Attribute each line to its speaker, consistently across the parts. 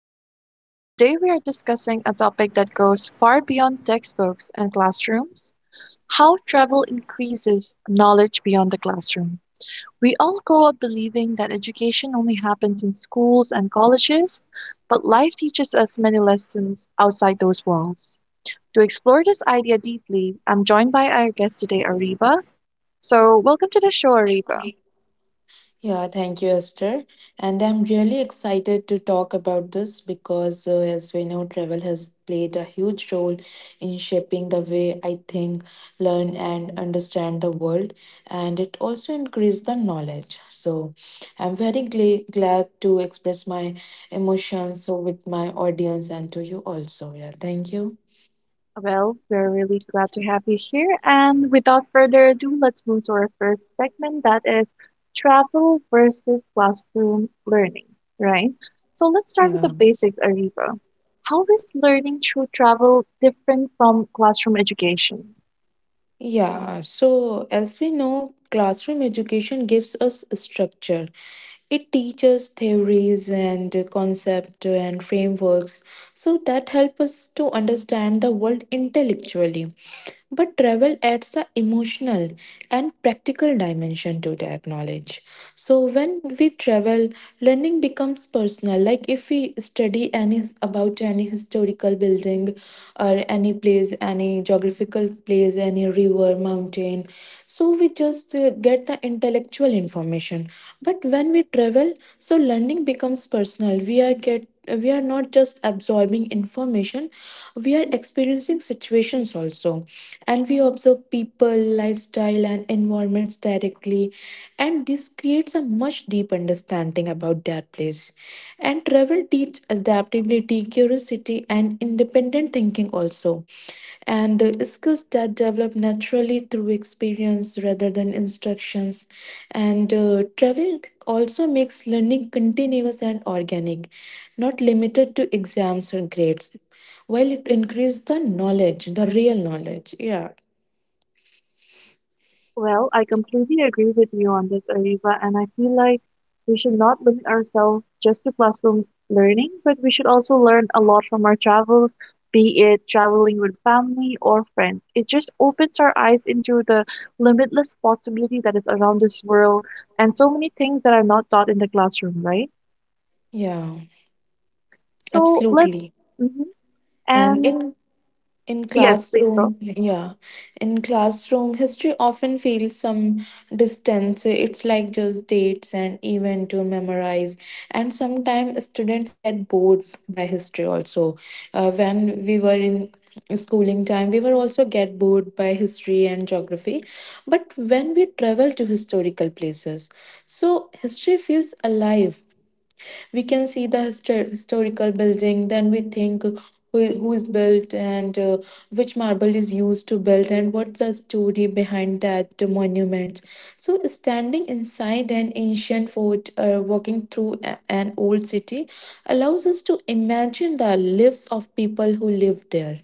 Speaker 1: Podcast. Today, we are discussing a topic that goes far beyond textbooks and classrooms. How travel increases knowledge beyond the classroom. We all grow up believing that education only happens in schools and colleges, but life teaches us many lessons outside those walls. To explore this idea deeply, I'm joined by our guest today, Ariba. So, welcome to the show, Ariba.
Speaker 2: Yeah, thank you, Esther. And I'm really excited to talk about this because, as we know, travel has played a huge role in shaping the way I think, learn, and understand the world. And it also increased the knowledge. So I'm very glad to express my emotions with my audience and to you also. Yeah, thank you.
Speaker 1: Well, we're really glad to have you here. And without further ado, let's move to our first segment that is travel versus classroom learning, right? So let's start with
Speaker 2: Yeah.
Speaker 1: the basics, Ariba. How is learning through travel different from classroom education?
Speaker 2: Yeah, so as we know, classroom education gives us structure, it teaches theories and concepts and frameworks so that help us to understand the world intellectually. But travel adds the emotional and practical dimension to that knowledge. So when we travel, learning becomes personal. Like if we study any about any historical building or any place, any geographical place, any river, mountain, so we just get the intellectual information. But when we travel, so learning becomes personal. We are not just absorbing information, we are experiencing situations also, and we observe people lifestyle and environments directly, and this creates a much deep understanding about their place. And travel teaches adaptability, curiosity, and independent thinking also. And skills that develop naturally through experience rather than instructions. And travel also makes learning continuous and organic, not limited to exams or grades. While it increases the knowledge, the real knowledge. Yeah,
Speaker 1: Well, I completely agree with you on this, Ariba, and I feel like we should not limit ourselves just to classroom learning, but we should also learn a lot from our travels, be it traveling with family or friends. It just opens our eyes into the limitless possibility that is around this world and so many things that are not taught in the classroom, right?
Speaker 2: yeah,
Speaker 1: So let's,
Speaker 2: absolutely.
Speaker 1: mhm.
Speaker 2: And
Speaker 1: And
Speaker 2: in
Speaker 1: yes, please go.
Speaker 2: classroom, yeah, in classroom, history often feels some distance. It's like just dates and event to memorize. And sometimes students get bored by history also. When we were in schooling time, we were also get bored by history and geography. But when we travel to historical places, so history feels alive. We can see the historical building. Then we think who is built, and which marble is used to build, and what's the story behind that monument. So standing inside an ancient fort or walking through an old city allows us to imagine the lives of people who lived there,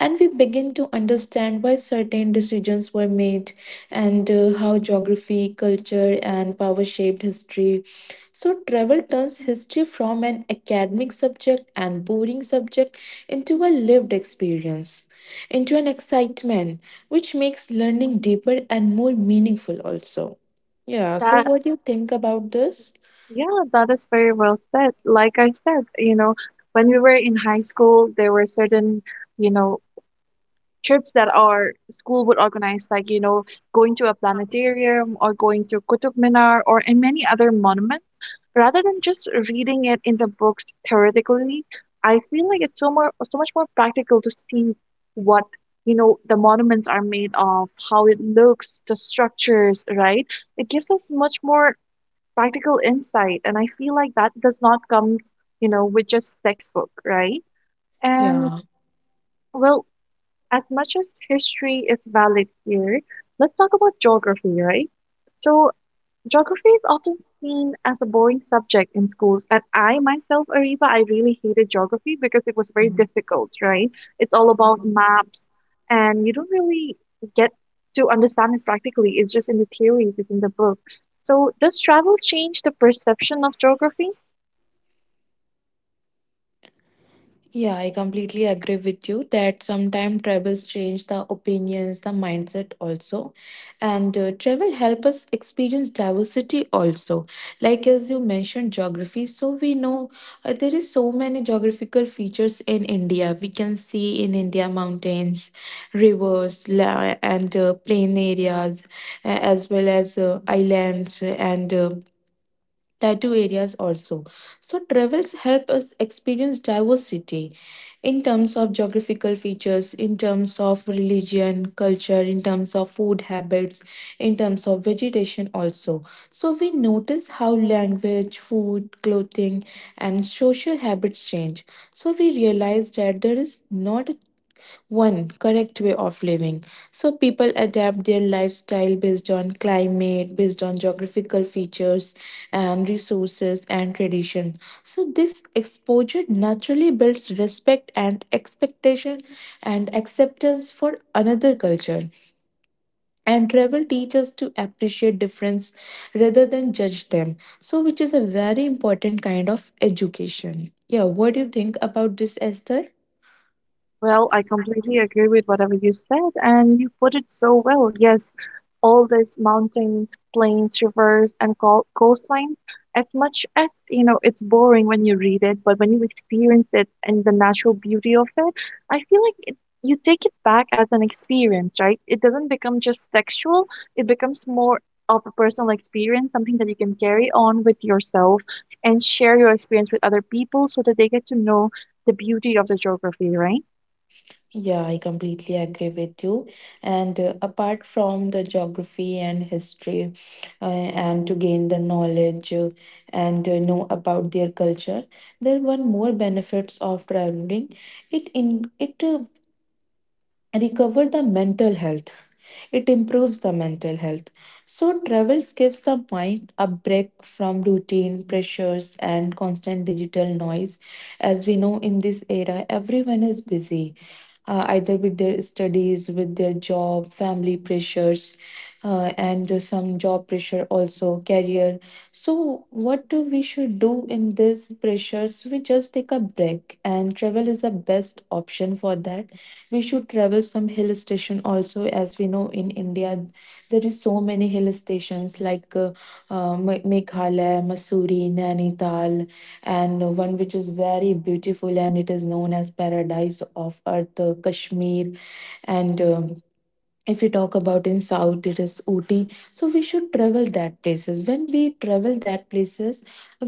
Speaker 2: and we begin to understand why certain decisions were made and how geography, culture, and power shaped history. So travel turns history from an academic subject and boring subject into a lived experience, into an excitement, which makes learning deeper and more meaningful, also. Yeah, so
Speaker 1: That
Speaker 2: what do you think about this?
Speaker 1: Yeah, that is very well said. Like I said, when we were in high school, there were certain, you know, trips that our school would organize, like, going to a planetarium or going to Qutub Minar or in many other monuments. Rather than just reading it in the books theoretically, I feel like it's so much more practical to see what, the monuments are made of, how it looks, the structures, right? It gives us much more practical insight. And I feel like that does not come, you know, with just textbook, right? And,
Speaker 2: Yeah.
Speaker 1: well, as much as history is valid here, let's talk about geography, right? So geography is often seen as a boring subject in schools. And I myself, Ariba, I really hated geography because it was very difficult, right? It's all about maps and you don't really get to understand it practically. It's just in the theories, it's in the book. So does travel change the perception of geography?
Speaker 2: Yeah, I completely agree with you that sometimes travels change the opinions, the mindset also. And travel help us experience diversity also. Like as you mentioned geography, so we know there is so many geographical features in India. We can see in India mountains, rivers, and plain areas, as well as islands and tattoo areas also. So travels help us experience diversity in terms of geographical features, in terms of religion, culture, in terms of food habits, in terms of vegetation also. So we notice how language, food, clothing, and social habits change. So we realize that there is not one correct way of living. So people adapt their lifestyle based on climate, based on geographical features and resources and tradition. So this exposure naturally builds respect and expectation and acceptance for another culture. And travel teaches to appreciate difference rather than judge them. So which is a very important kind of education. Yeah, what do you think about this, Esther?
Speaker 1: Well, I completely agree with whatever you said, and you put it so well. Yes, all these mountains, plains, rivers, and coastlines, as much as, it's boring when you read it, but when you experience it and the natural beauty of it, I feel like you take it back as an experience, right? It doesn't become just sexual, it becomes more of a personal experience, something that you can carry on with yourself and share your experience with other people so that they get to know the beauty of the geography, right?
Speaker 2: Yeah, I completely agree with you. And apart from the geography and history, and to gain the knowledge, and know about their culture, there were more benefits of traveling. It recover the mental health, it improves the mental health. So travels gives the mind a break from routine pressures and constant digital noise. As we know, in this era, everyone is busy, either with their studies, with their job, family pressures, and some job pressure also, career. So what do we should do in these pressures? We just take a break, and travel is the best option for that. We should travel some hill station also. As we know, in India, there is so many hill stations like Meghalaya, Masuri, Nainital, and one which is very beautiful and it is known as paradise of earth, Kashmir. And if we talk about in south, it is Ooty. So we should travel that places. When we travel that places,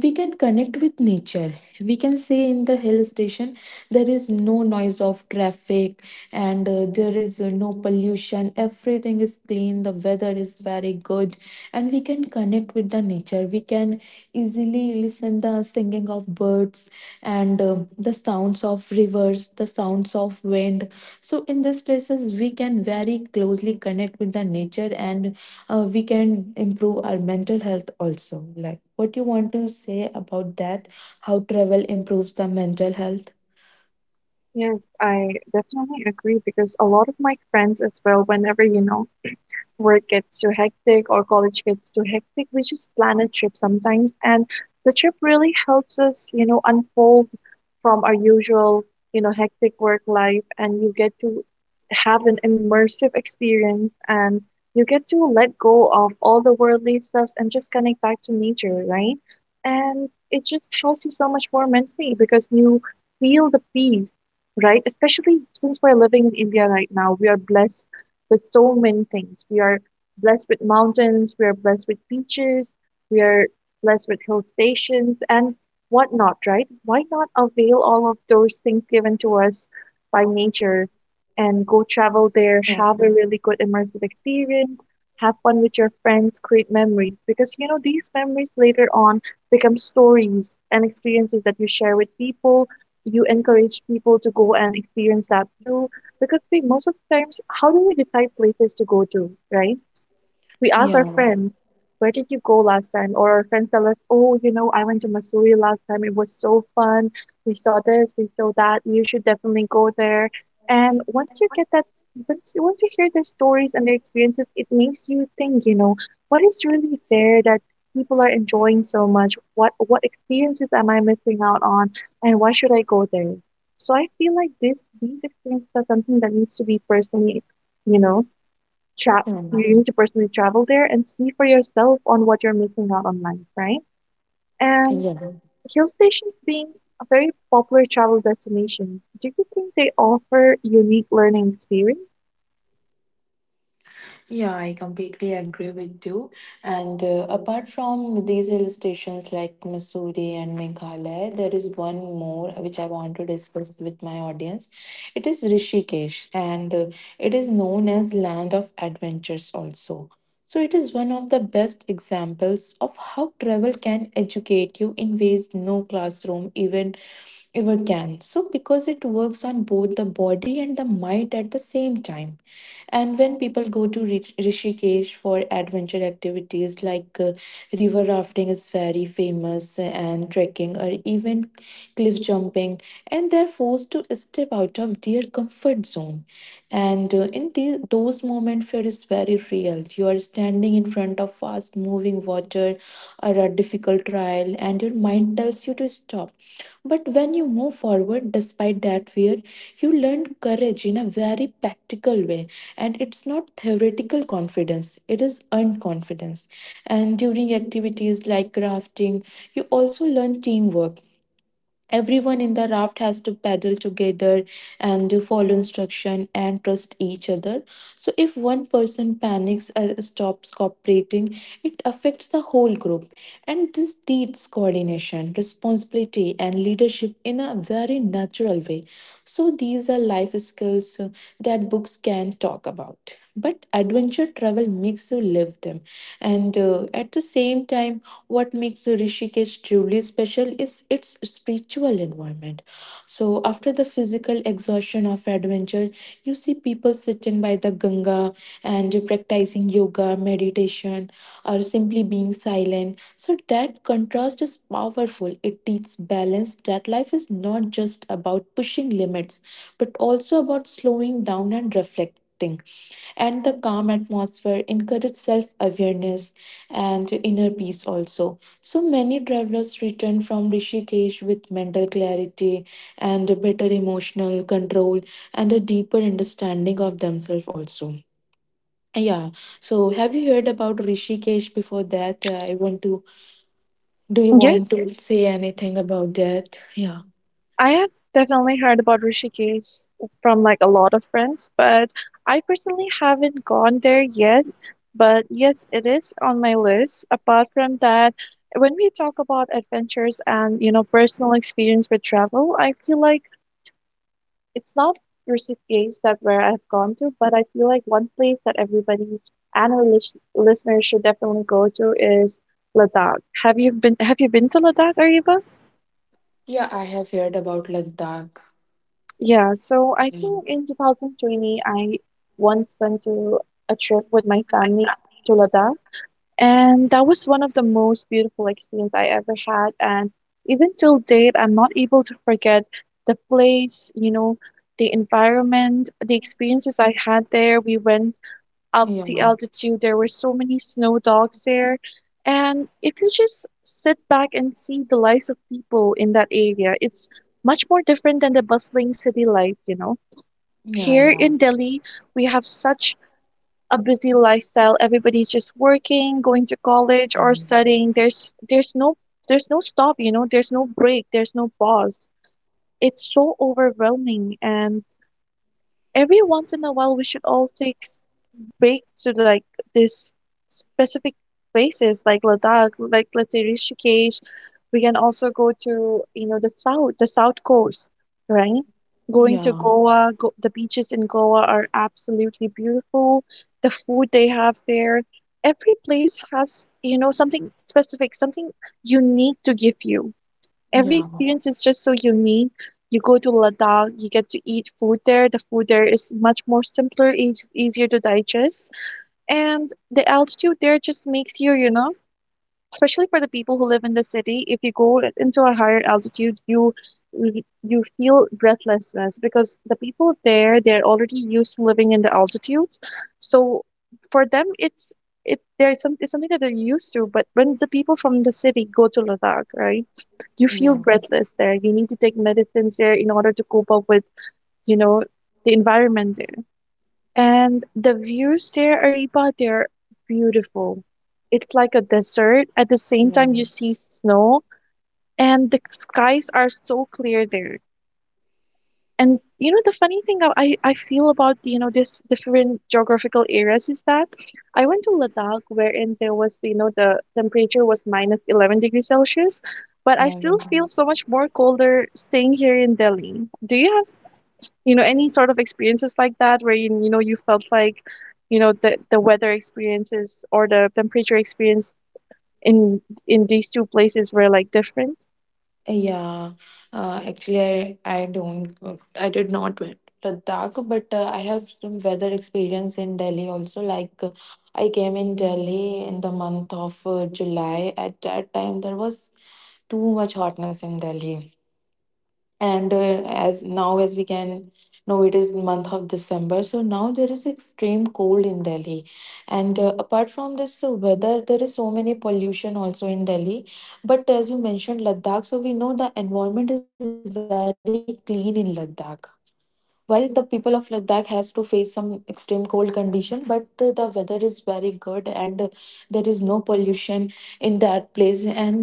Speaker 2: we can connect with nature. We can say in the hill station, there is no noise of traffic, and there is no pollution, everything is clean, the weather is very good, and we can connect with the nature. We can easily listen the singing of birds, and the sounds of rivers, the sounds of wind. So in these places, we can very closely connect with the nature, and we can improve our mental health also. Like, what you want to say about that? How travel improves the mental health?
Speaker 1: Yes, I definitely agree because a lot of my friends as well, whenever, work gets too hectic or college gets too hectic, we just plan a trip sometimes. And the trip really helps us, unfold from our usual, hectic work life. And you get to have an immersive experience and you get to let go of all the worldly stuffs and just connect back to nature, right? And it just helps you so much more mentally because you feel the peace, right? Especially since we're living in India right now, we are blessed with so many things. We are blessed with mountains, we are blessed with beaches, we are blessed with hill stations and whatnot, right? Why not avail all of those things given to us by nature and go travel there,
Speaker 2: Yeah.
Speaker 1: have a really good immersive experience, have fun with your friends, create memories? Because, these memories later on become stories and experiences that you share with people. You encourage people to go and experience that too because see, most of the times, how do we decide places to go to, right? We ask our
Speaker 2: Yeah.
Speaker 1: friends, where did you go last time? Or our friends tell us, oh, I went to Missouri last time. It was so fun. We saw this, we saw that. You should definitely go there. And once you get that, once you hear their stories and their experiences, it makes you think, what is really there that people are enjoying so much? What experiences am I missing out on? And why should I go there? So I feel like this these experiences are something that needs to be personally, you know, tra-
Speaker 2: Yeah.
Speaker 1: you need to personally travel there and see for yourself on what you're missing out on life, right? And
Speaker 2: Yeah.
Speaker 1: hill stations being a very popular travel destination, do you think they offer unique learning experience?
Speaker 2: Yeah, I completely agree with you. And apart from these hill stations like Missouri and Meghalaya, there is one more which I want to discuss with my audience. It is Rishikesh, and it is known as Land of Adventures also. So it is one of the best examples of how travel can educate you in ways no classroom, even, ever can. So because it works on both the body and the mind at the same time. And when people go to Rishikesh for adventure activities like river rafting is very famous, and trekking or even cliff jumping, and they're forced to step out of their comfort zone. And those moments, fear is very real. You are standing in front of fast moving water or a difficult trial, and your mind tells you to stop, but when you move forward despite that fear, you learn courage in a very practical way. And it's not theoretical confidence, it is earned confidence. And during activities like crafting, you also learn teamwork. Everyone in the raft has to paddle together and to follow instruction and trust each other. So if one person panics or stops cooperating, it affects the whole group. And this needs coordination, responsibility, and leadership in a very natural way. So these are life skills that books can talk about. But adventure travel makes you live them, and at the same time, what makes Rishikesh truly special is its spiritual environment. So after the physical exhaustion of adventure, you see people sitting by the Ganga and practicing yoga, meditation, or simply being silent. So that contrast is powerful. It teaches balance that life is not just about pushing limits, but also about slowing down and reflecting, and the calm atmosphere encourage self awareness and inner peace also. So many travelers return from Rishikesh with mental clarity and a better emotional control and a deeper understanding of themselves also. Yeah. So have you heard about Rishikesh before that? I want to, do you want
Speaker 1: Yes,
Speaker 2: to say anything about that? Yeah.
Speaker 1: I have definitely heard about Rishikesh from like a lot of friends, but I personally haven't gone there yet. But yes, it is on my list. Apart from that, when we talk about adventures and, personal experience with travel, I feel like it's not recipients that where I've gone to, but I feel like one place that everybody and our listeners should definitely go to is Ladakh. Have you been to Ladakh, Ariba?
Speaker 2: Yeah, I have heard about Ladakh.
Speaker 1: Yeah, so I
Speaker 2: Yeah.
Speaker 1: think in 2020 I once went to a trip with my family to Ladakh, and that was one of the most beautiful experience I ever had. And even till date, I'm not able to forget the place, the environment, the experiences I had there. We went up the
Speaker 2: Yeah.
Speaker 1: altitude. There were so many snow dogs there. And if you just sit back and see the lives of people in that area, it's much more different than the bustling city life.
Speaker 2: Yeah.
Speaker 1: Here
Speaker 2: Yeah.
Speaker 1: in Delhi, we have such a busy lifestyle. Everybody's just working, going to college or
Speaker 2: Mhm.
Speaker 1: studying. There's no stop. There's no break, there's no pause. It's so overwhelming and every once in a while we should all take break to like this specific places like Ladakh, like let's say Rishikesh. We can also go to, the south coast, right? Going to
Speaker 2: Yeah.
Speaker 1: Goa, the beaches in Goa are absolutely beautiful. The food they have there, every place has, something specific, something unique to give you. Every
Speaker 2: Yeah.
Speaker 1: experience is just so unique. You go to Ladakh, you get to eat food there. The food there is much more simpler, easier to digest. And the altitude there just makes you, especially for the people who live in the city, if you go into a higher altitude, you feel breathlessness because the people there, they're already used to living in the altitudes. So for them, it's something that they're used to. But when the people from the city go to Ladakh, right, you feel
Speaker 2: Yeah,
Speaker 1: breathless there. You need to take medicines there in order to cope up with, you know, the environment there. And the views there, Ariba, they're beautiful. It's like a desert. At the same
Speaker 2: yeah,
Speaker 1: time, you see snow, and the skies are so clear there. And the funny thing I feel about, this different geographical areas is that I went to Ladakh wherein there was, the temperature was minus 11 degrees Celsius, but I still feel so much more colder staying here in Delhi. Do you know any sort of experiences like that where you felt like the weather experiences or the temperature experience in in these two places were like different?
Speaker 2: yeah. Actually, I don't go- I did not went to Ladakh, but I have some weather experience in Delhi also. Like I came in Delhi in the month of July. At that time, there was too much hotness in Delhi. And as now as we can know, it is the month of December, so now there is extreme cold in Delhi. And apart from this weather, there is so many pollution also in Delhi. But as you mentioned, Ladakh, so we know the environment is very clean in Ladakh, while the people of Ladakh has to face some extreme cold condition, but the weather is very good, and there is no pollution in that place. and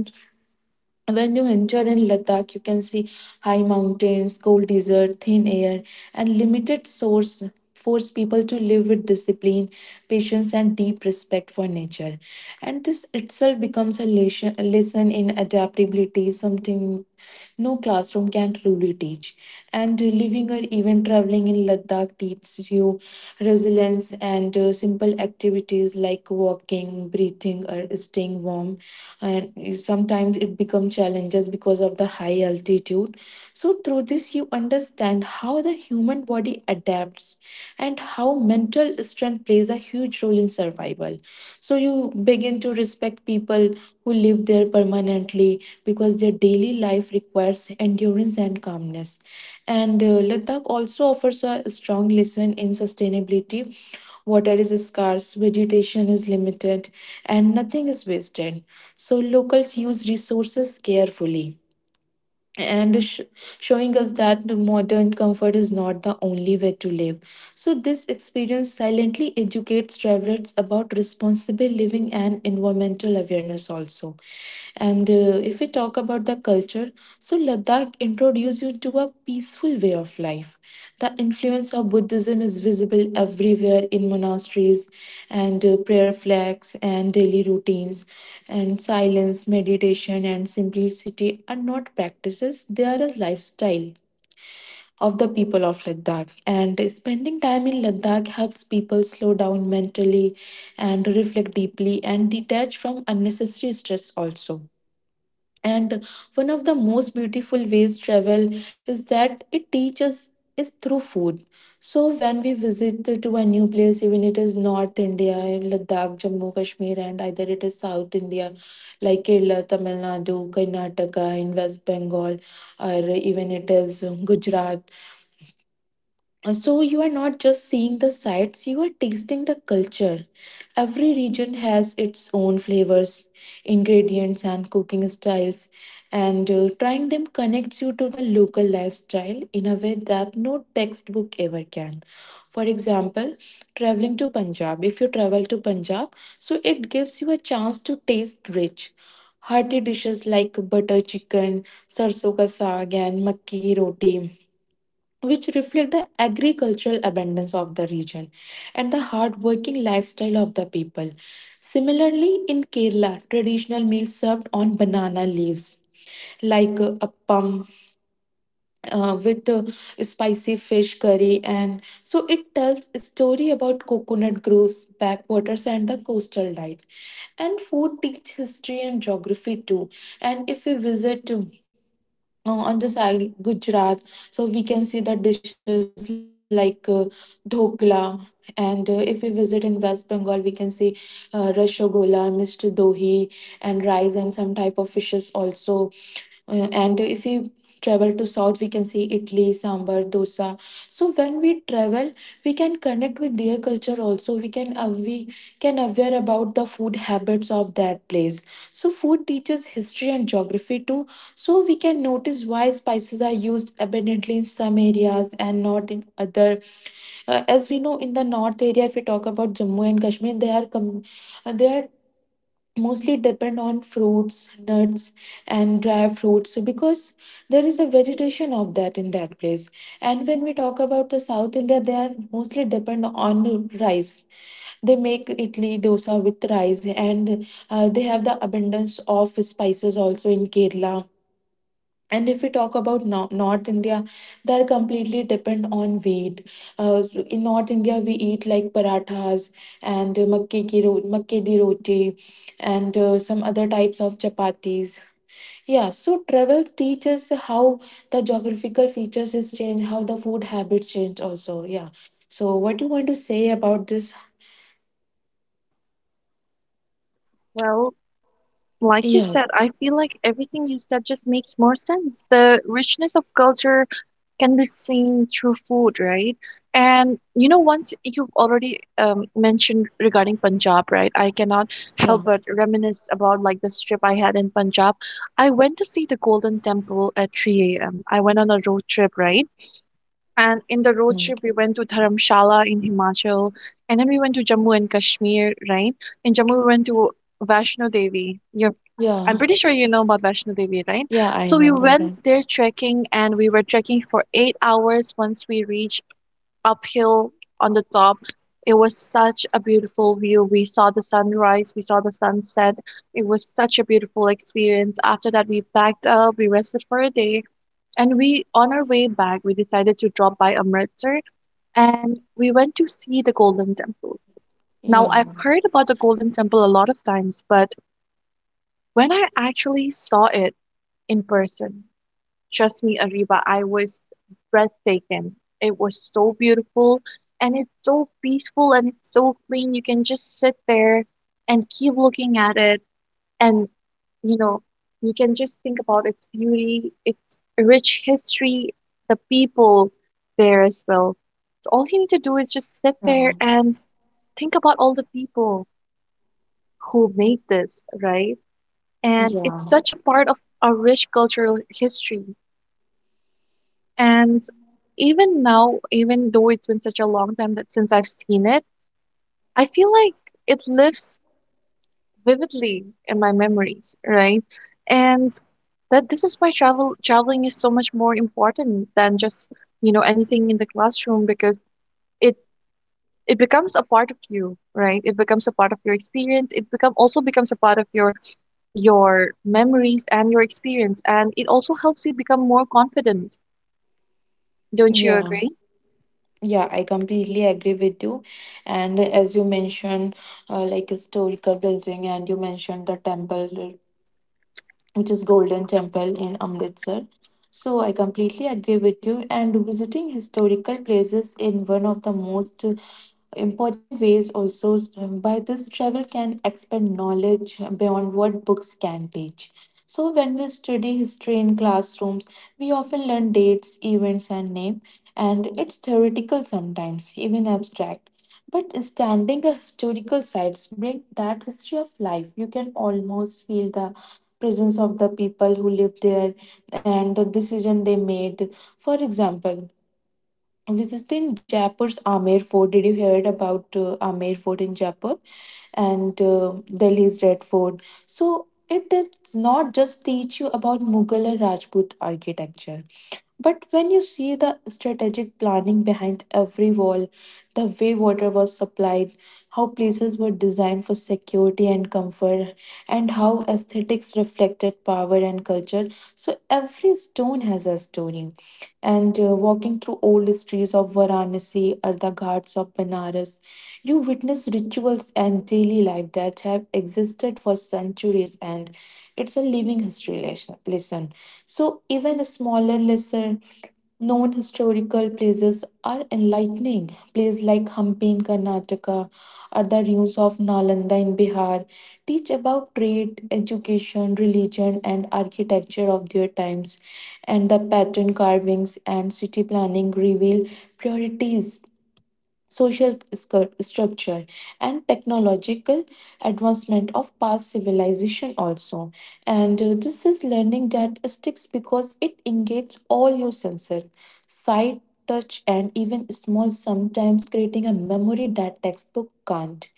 Speaker 2: and when you enter in Ladakh, you can see high mountains, cold desert, thin air, and limited source force people to live with discipline, patience, and deep respect for nature. And this itself becomes a lesson in adaptability, something no classroom can truly teach. And living or even traveling in Ladakh teaches you resilience, and simple activities like walking, breathing, or staying warm, and sometimes it becomes challenges because of the high altitude. So through this, you understand how the human body adapts and how mental strength plays a huge role in survival. So you begin to respect people who live there permanently because their daily life requires endurance and calmness. And Ladakh also offers a strong lesson in sustainability. Water is scarce, vegetation is limited, and nothing is wasted. So locals use resources carefully, and showing us that the modern comfort is not the only way to live. So this experience silently educates travelers about responsible living and environmental awareness also. And if we talk about the culture, so Ladakh introduced you to a peaceful way of life. The influence of Buddhism is visible everywhere in monasteries and prayer flags and daily routines. And silence, meditation, and simplicity are not practices, they are a lifestyle of the people of Ladakh. And spending time in Ladakh helps people slow down mentally and reflect deeply and detach from unnecessary stress also. And one of the most beautiful ways travel is that it teaches is through food. So when we visit to a new place, even it is North India, Ladakh, Jammu, Kashmir, and either it is South India, like Kerala, Tamil Nadu, Karnataka, in West Bengal, or even it is Gujarat. So you are not just seeing the sights, you are tasting the culture. Every region has its own flavors, ingredients, and cooking styles, and trying them connects you to the local lifestyle in a way that no textbook ever can. For example, traveling to Punjab, if you travel to Punjab, so it gives you a chance to taste rich. Hearty dishes like butter chicken, sarso ka saag, and makki ki roti which reflect the agricultural abundance of the region and the hard-working lifestyle of the people. Similarly, in Kerala, traditional meals served on banana leaves, like appam with spicy fish curry, and so it tells a story about coconut groves, backwaters, and the coastal diet. And food teach history and geography too. And if we visit to on the side Gujarat. So we can see the dishes like dhokla. And if we visit in West Bengal, we can see rashogola, Mr. Dohi, and rice and some type of fishes also. And if we travel to south we can see italy sambar dosa. So when we travel we can connect with their culture also. We can we can aware about the food habits of that place. So food teaches history and geography too. So we can notice why spices are used abundantly in some areas and not in other. As we know, in the north area, if we talk about Jammu and Kashmir, they are mostly depend on fruits, nuts, and dry fruits because there is a vegetation of that in that place. And when we talk about the South India, they are mostly depend on rice. They make idli dosa with rice, and they have the abundance of spices also in Kerala. And if we talk about North India, they're completely depend on wheat. So in North India, we eat like parathas and makke di roti and some other types of chapatis. Yeah, so travel teaches how the geographical features is changed, how the food habits change also. Yeah, so what do you want to say about this?
Speaker 1: Well, like you
Speaker 2: Yeah.
Speaker 1: said, I feel like everything you said just makes more sense. The richness of culture can be seen through food, right? And once you've already mentioned regarding Punjab, right? I cannot help
Speaker 2: Yeah.
Speaker 1: but reminisce about like this trip I had in Punjab. I went to see the Golden Temple at 3 a.m. I went on a road trip, right? And in the road
Speaker 2: Mm.
Speaker 1: trip, we went to Dharamshala in Himachal, and then we went to Jammu and Kashmir, right? In Jammu, we went to Vaishno Devi. You I'm
Speaker 2: Yeah.
Speaker 1: pretty sure you know about Vaishno Devi, right?
Speaker 2: Yeah, I
Speaker 1: So we
Speaker 2: know
Speaker 1: went
Speaker 2: sometimes.
Speaker 1: there trekking and we were trekking for 8 hours. Once we reached uphill on the top, it was such a beautiful view. We saw the sunrise, we saw the sunset. It was such a beautiful experience. After that, we packed up, we rested for a day, and we, on our way back, we decided to drop by Amritsar and we went to see the Golden Temple. Now,
Speaker 2: Yeah.
Speaker 1: I've heard about the Golden Temple a lot of times, but when I actually saw it, in person. Trust me, Ariba, I was breathtaking. It was so beautiful and it's so peaceful and it's so clean. You can just sit there and keep looking at it and you know, you can just think about its beauty, its rich history, the people there as well. So all you need to do is just sit there
Speaker 2: Yeah.
Speaker 1: and think about all the people who made this, right? And it's
Speaker 2: Yeah.
Speaker 1: such a part of our rich cultural history. And even now, even though it's been such a long time that since I've seen it, I feel like it lives vividly in my memories, right? And that this is why traveling is so much more important than just, anything in the classroom because it it becomes a part of you, right? It becomes a part of your experience. It become also becomes a part of your memories and your experience, and it also helps you become more confident. Don't you
Speaker 2: Yeah.
Speaker 1: agree?
Speaker 2: Yeah, I completely agree with you. And as you mentioned, like historical building, and you mentioned the temple, which is Golden Temple in Amritsar. So I completely agree with you. And visiting historical places in one of the most important ways also by this travel can expand knowledge beyond what books can teach. So when we study history in classrooms, we often learn dates, events, and name, and it's theoretical, sometimes even abstract. But standing a historical sites bring that history of life. You can almost feel the presence of the people who lived there and the decision they made. For example, visiting Jaipur's Amer Fort. Did you hear it about Amer Fort in Jaipur and Delhi's Red Fort? So it does not just teach you about Mughal and Rajput architecture. But when you see the strategic planning behind every wall, the way water was supplied, how places were designed for security and comfort, and how aesthetics reflected power and culture, so every stone has a story. And walking through old streets of Varanasi or the ghats of Benares, you witness rituals and daily life that have existed for centuries, and it's a living history lesson. So, even a smaller lesson known historical places are enlightening. Places like Hampi in Karnataka or the ruins of Nalanda in Bihar teach about trade, education, religion, and architecture of their times. And the pattern carvings and city planning reveal priorities, social structure, and technological advancement of past civilization also. And this is learning that sticks because it engages all your senses: sight, touch, and even small sometimes, creating a memory that textbook can't.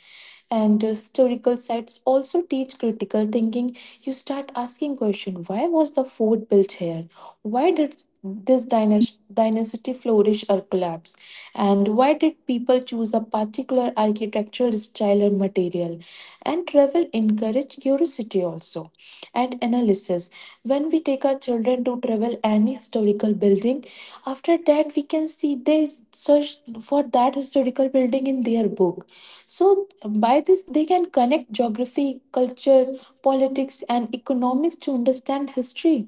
Speaker 2: And historical sites also teach critical thinking. You start asking question: why was the fort built here, why did this dynasty flourish or collapse, and why did people choose a particular architectural style or material? And travel encourage curiosity also and analysis. When we take our children to travel any historical building, after that we can see they search for that historical building in their book. So by this they can connect geography, culture, politics, and economics to understand history.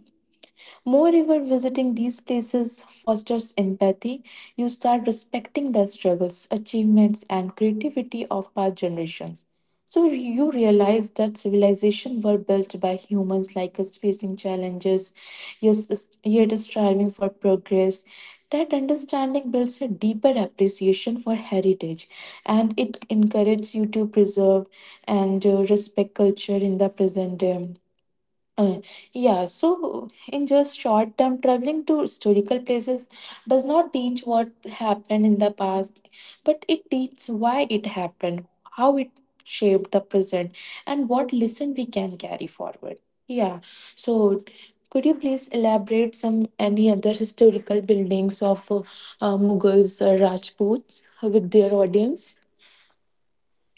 Speaker 2: Moreover, visiting these places fosters empathy. You start respecting the struggles, achievements, and creativity of past generations. So you realize that civilizations were built by humans like us facing challenges, yes, yet striving for progress. That understanding builds a deeper appreciation for heritage, and it encourages you to preserve and respect culture in the present day. Uh, yeah, so in just short term, traveling to historical places does not teach what happened in the past, but it teaches why it happened, how it shaped the present, and what lesson we can carry forward. Yeah, so could you please elaborate some any other historical buildings of Mughals, Rajputs with their audience?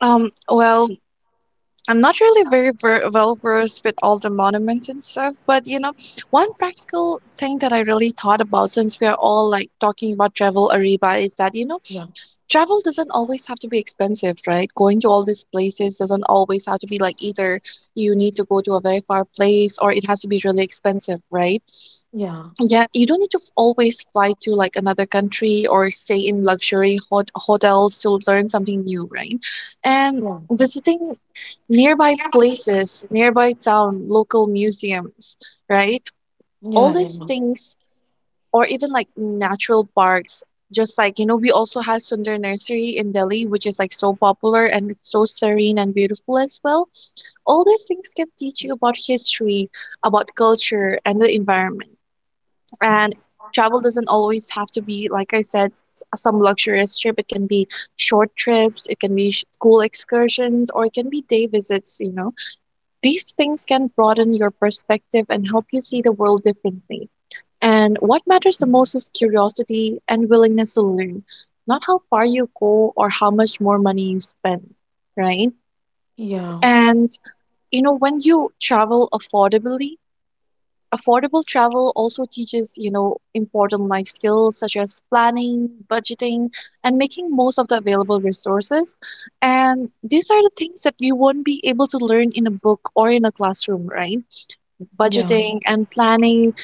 Speaker 1: Um, well, I'm not really very ver well versed with all the monuments and stuff, but you know, one practical thing that I really thought about since we are all like talking about travel, Ariba, is that, you know,
Speaker 2: Yeah,
Speaker 1: travel doesn't always have to be expensive, right? Going to all these places doesn't always have to be like either you need to go to a very far place or it has to be really expensive, right?
Speaker 2: yeah,
Speaker 1: Yeah, you don't need to always fly to like another country or stay in luxury hotels to learn something new, right? And
Speaker 2: yeah,
Speaker 1: visiting nearby places, nearby town, local museums, right? All
Speaker 2: yeah, yeah,
Speaker 1: these things, or even like natural parks. Just like, you know, we also have Sundar Nursery in Delhi, which is like so popular and it's so serene and beautiful as well. All these things can teach you about history, about culture, and the environment. And travel doesn't always have to be, like I said, some luxurious trip. It can be short trips, it can be school excursions, or it can be day visits. You know, these things can broaden your perspective and help you see the world differently. And what matters the most is curiosity and willingness to learn, not how far you go or how much more money you spend, right?
Speaker 2: yeah,
Speaker 1: And you know, when you travel affordably, affordable travel also teaches, you know, important life skills such as planning, budgeting, and making most of the available resources. And these are the things that you won't be able to learn in a book or in a classroom, right?
Speaker 2: yeah.
Speaker 1: Budgeting and planning,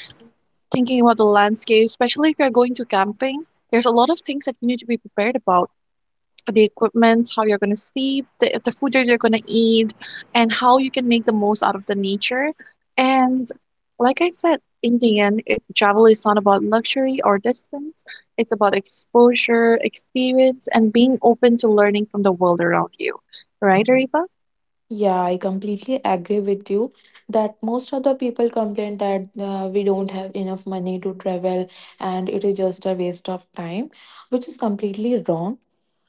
Speaker 1: thinking about the landscape, especially if you're going to camping. There's a lot of things that you need to be prepared about. The equipment, how you're going to sleep, the food that you're going to eat, and how you can make the most out of the nature. And like I said, in the end, travel is not about luxury or distance. It's about exposure, experience, and being open to learning from the world around you. Right, Arifa?
Speaker 2: Yeah, I completely agree with you that most of the people complain that we don't have enough money to travel and it is just a waste of time, which is completely wrong.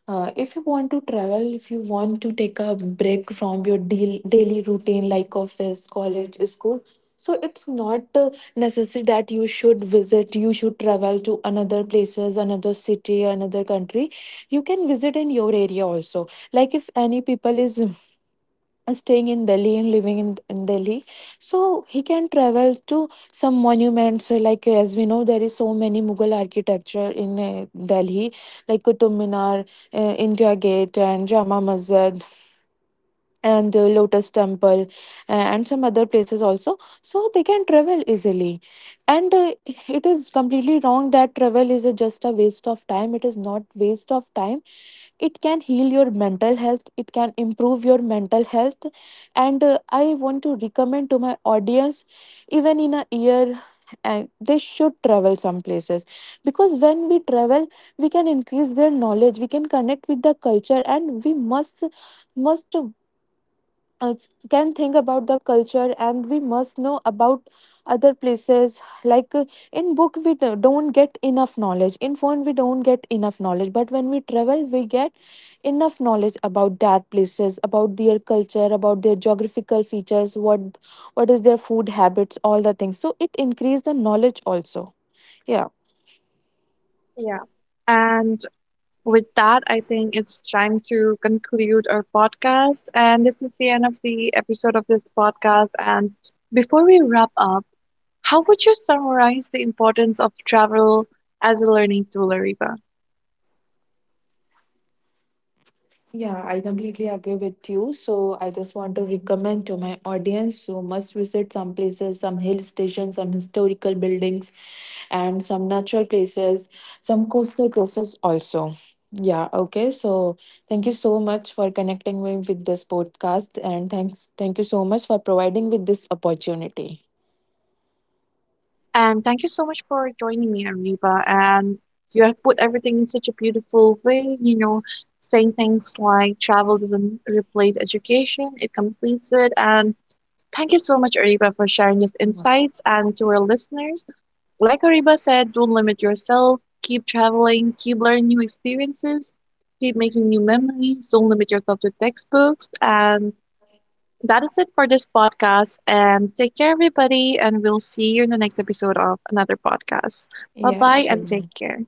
Speaker 2: If you want to travel, if you want to take a break from your deal, daily routine like office, college, school, so it's not necessary that you should visit, you should travel to another places, another city, another country. You can visit in your area also. Like if any people is staying in Delhi and living in Delhi. So he can travel to some monuments. Like as we know, there is so many Mughal architecture in Delhi, like Qutub Minar, India Gate, and Jama Masjid, and Lotus Temple, and some other places also. So they can travel easily, and it is completely wrong that travel is a, just a waste of time. It is not waste of time. It can heal your mental health, it can improve your mental health. And I want to recommend to my audience, even in a year and they should travel some places, because when we travel we can increase their knowledge, we can connect with the culture, and we must uh, can think about the culture, and we must know about other places like in book we don't get enough knowledge, in phone we don't get enough knowledge, but when we travel we get enough knowledge about that places, about their culture, about their geographical features, what is their food habits, all the things, so it increase the knowledge also. Yeah.
Speaker 1: Yeah. And with that, I think it's time to conclude our podcast. And this is the end of the episode of this podcast. And before we wrap up, how would you summarize the importance of travel as a learning tool, Ariba?
Speaker 2: Yeah, I completely agree with you. So I just want to recommend to my audience who must visit some places, some hill stations, some historical buildings, and some natural places, some coastal places also. Yeah, okay. So thank you so much for connecting me with this podcast and thank you so much for providing with this opportunity.
Speaker 1: And thank you so much for joining me, Ariba. And you have put everything in such a beautiful way, you know, saying things like travel doesn't replace education, it completes it. And thank you so much, Ariba, for sharing these
Speaker 2: Awesome.
Speaker 1: insights, and to our listeners, like Ariba said, don't limit yourself. Keep traveling, keep learning new experiences, keep making new memories. Don't limit yourself to textbooks. And that is it for this podcast. And take care, everybody. And we'll see you in the next episode of another podcast. Bye
Speaker 2: Yeah,
Speaker 1: bye and take
Speaker 2: sure.
Speaker 1: care.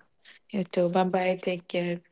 Speaker 2: You too. Bye bye. Take care.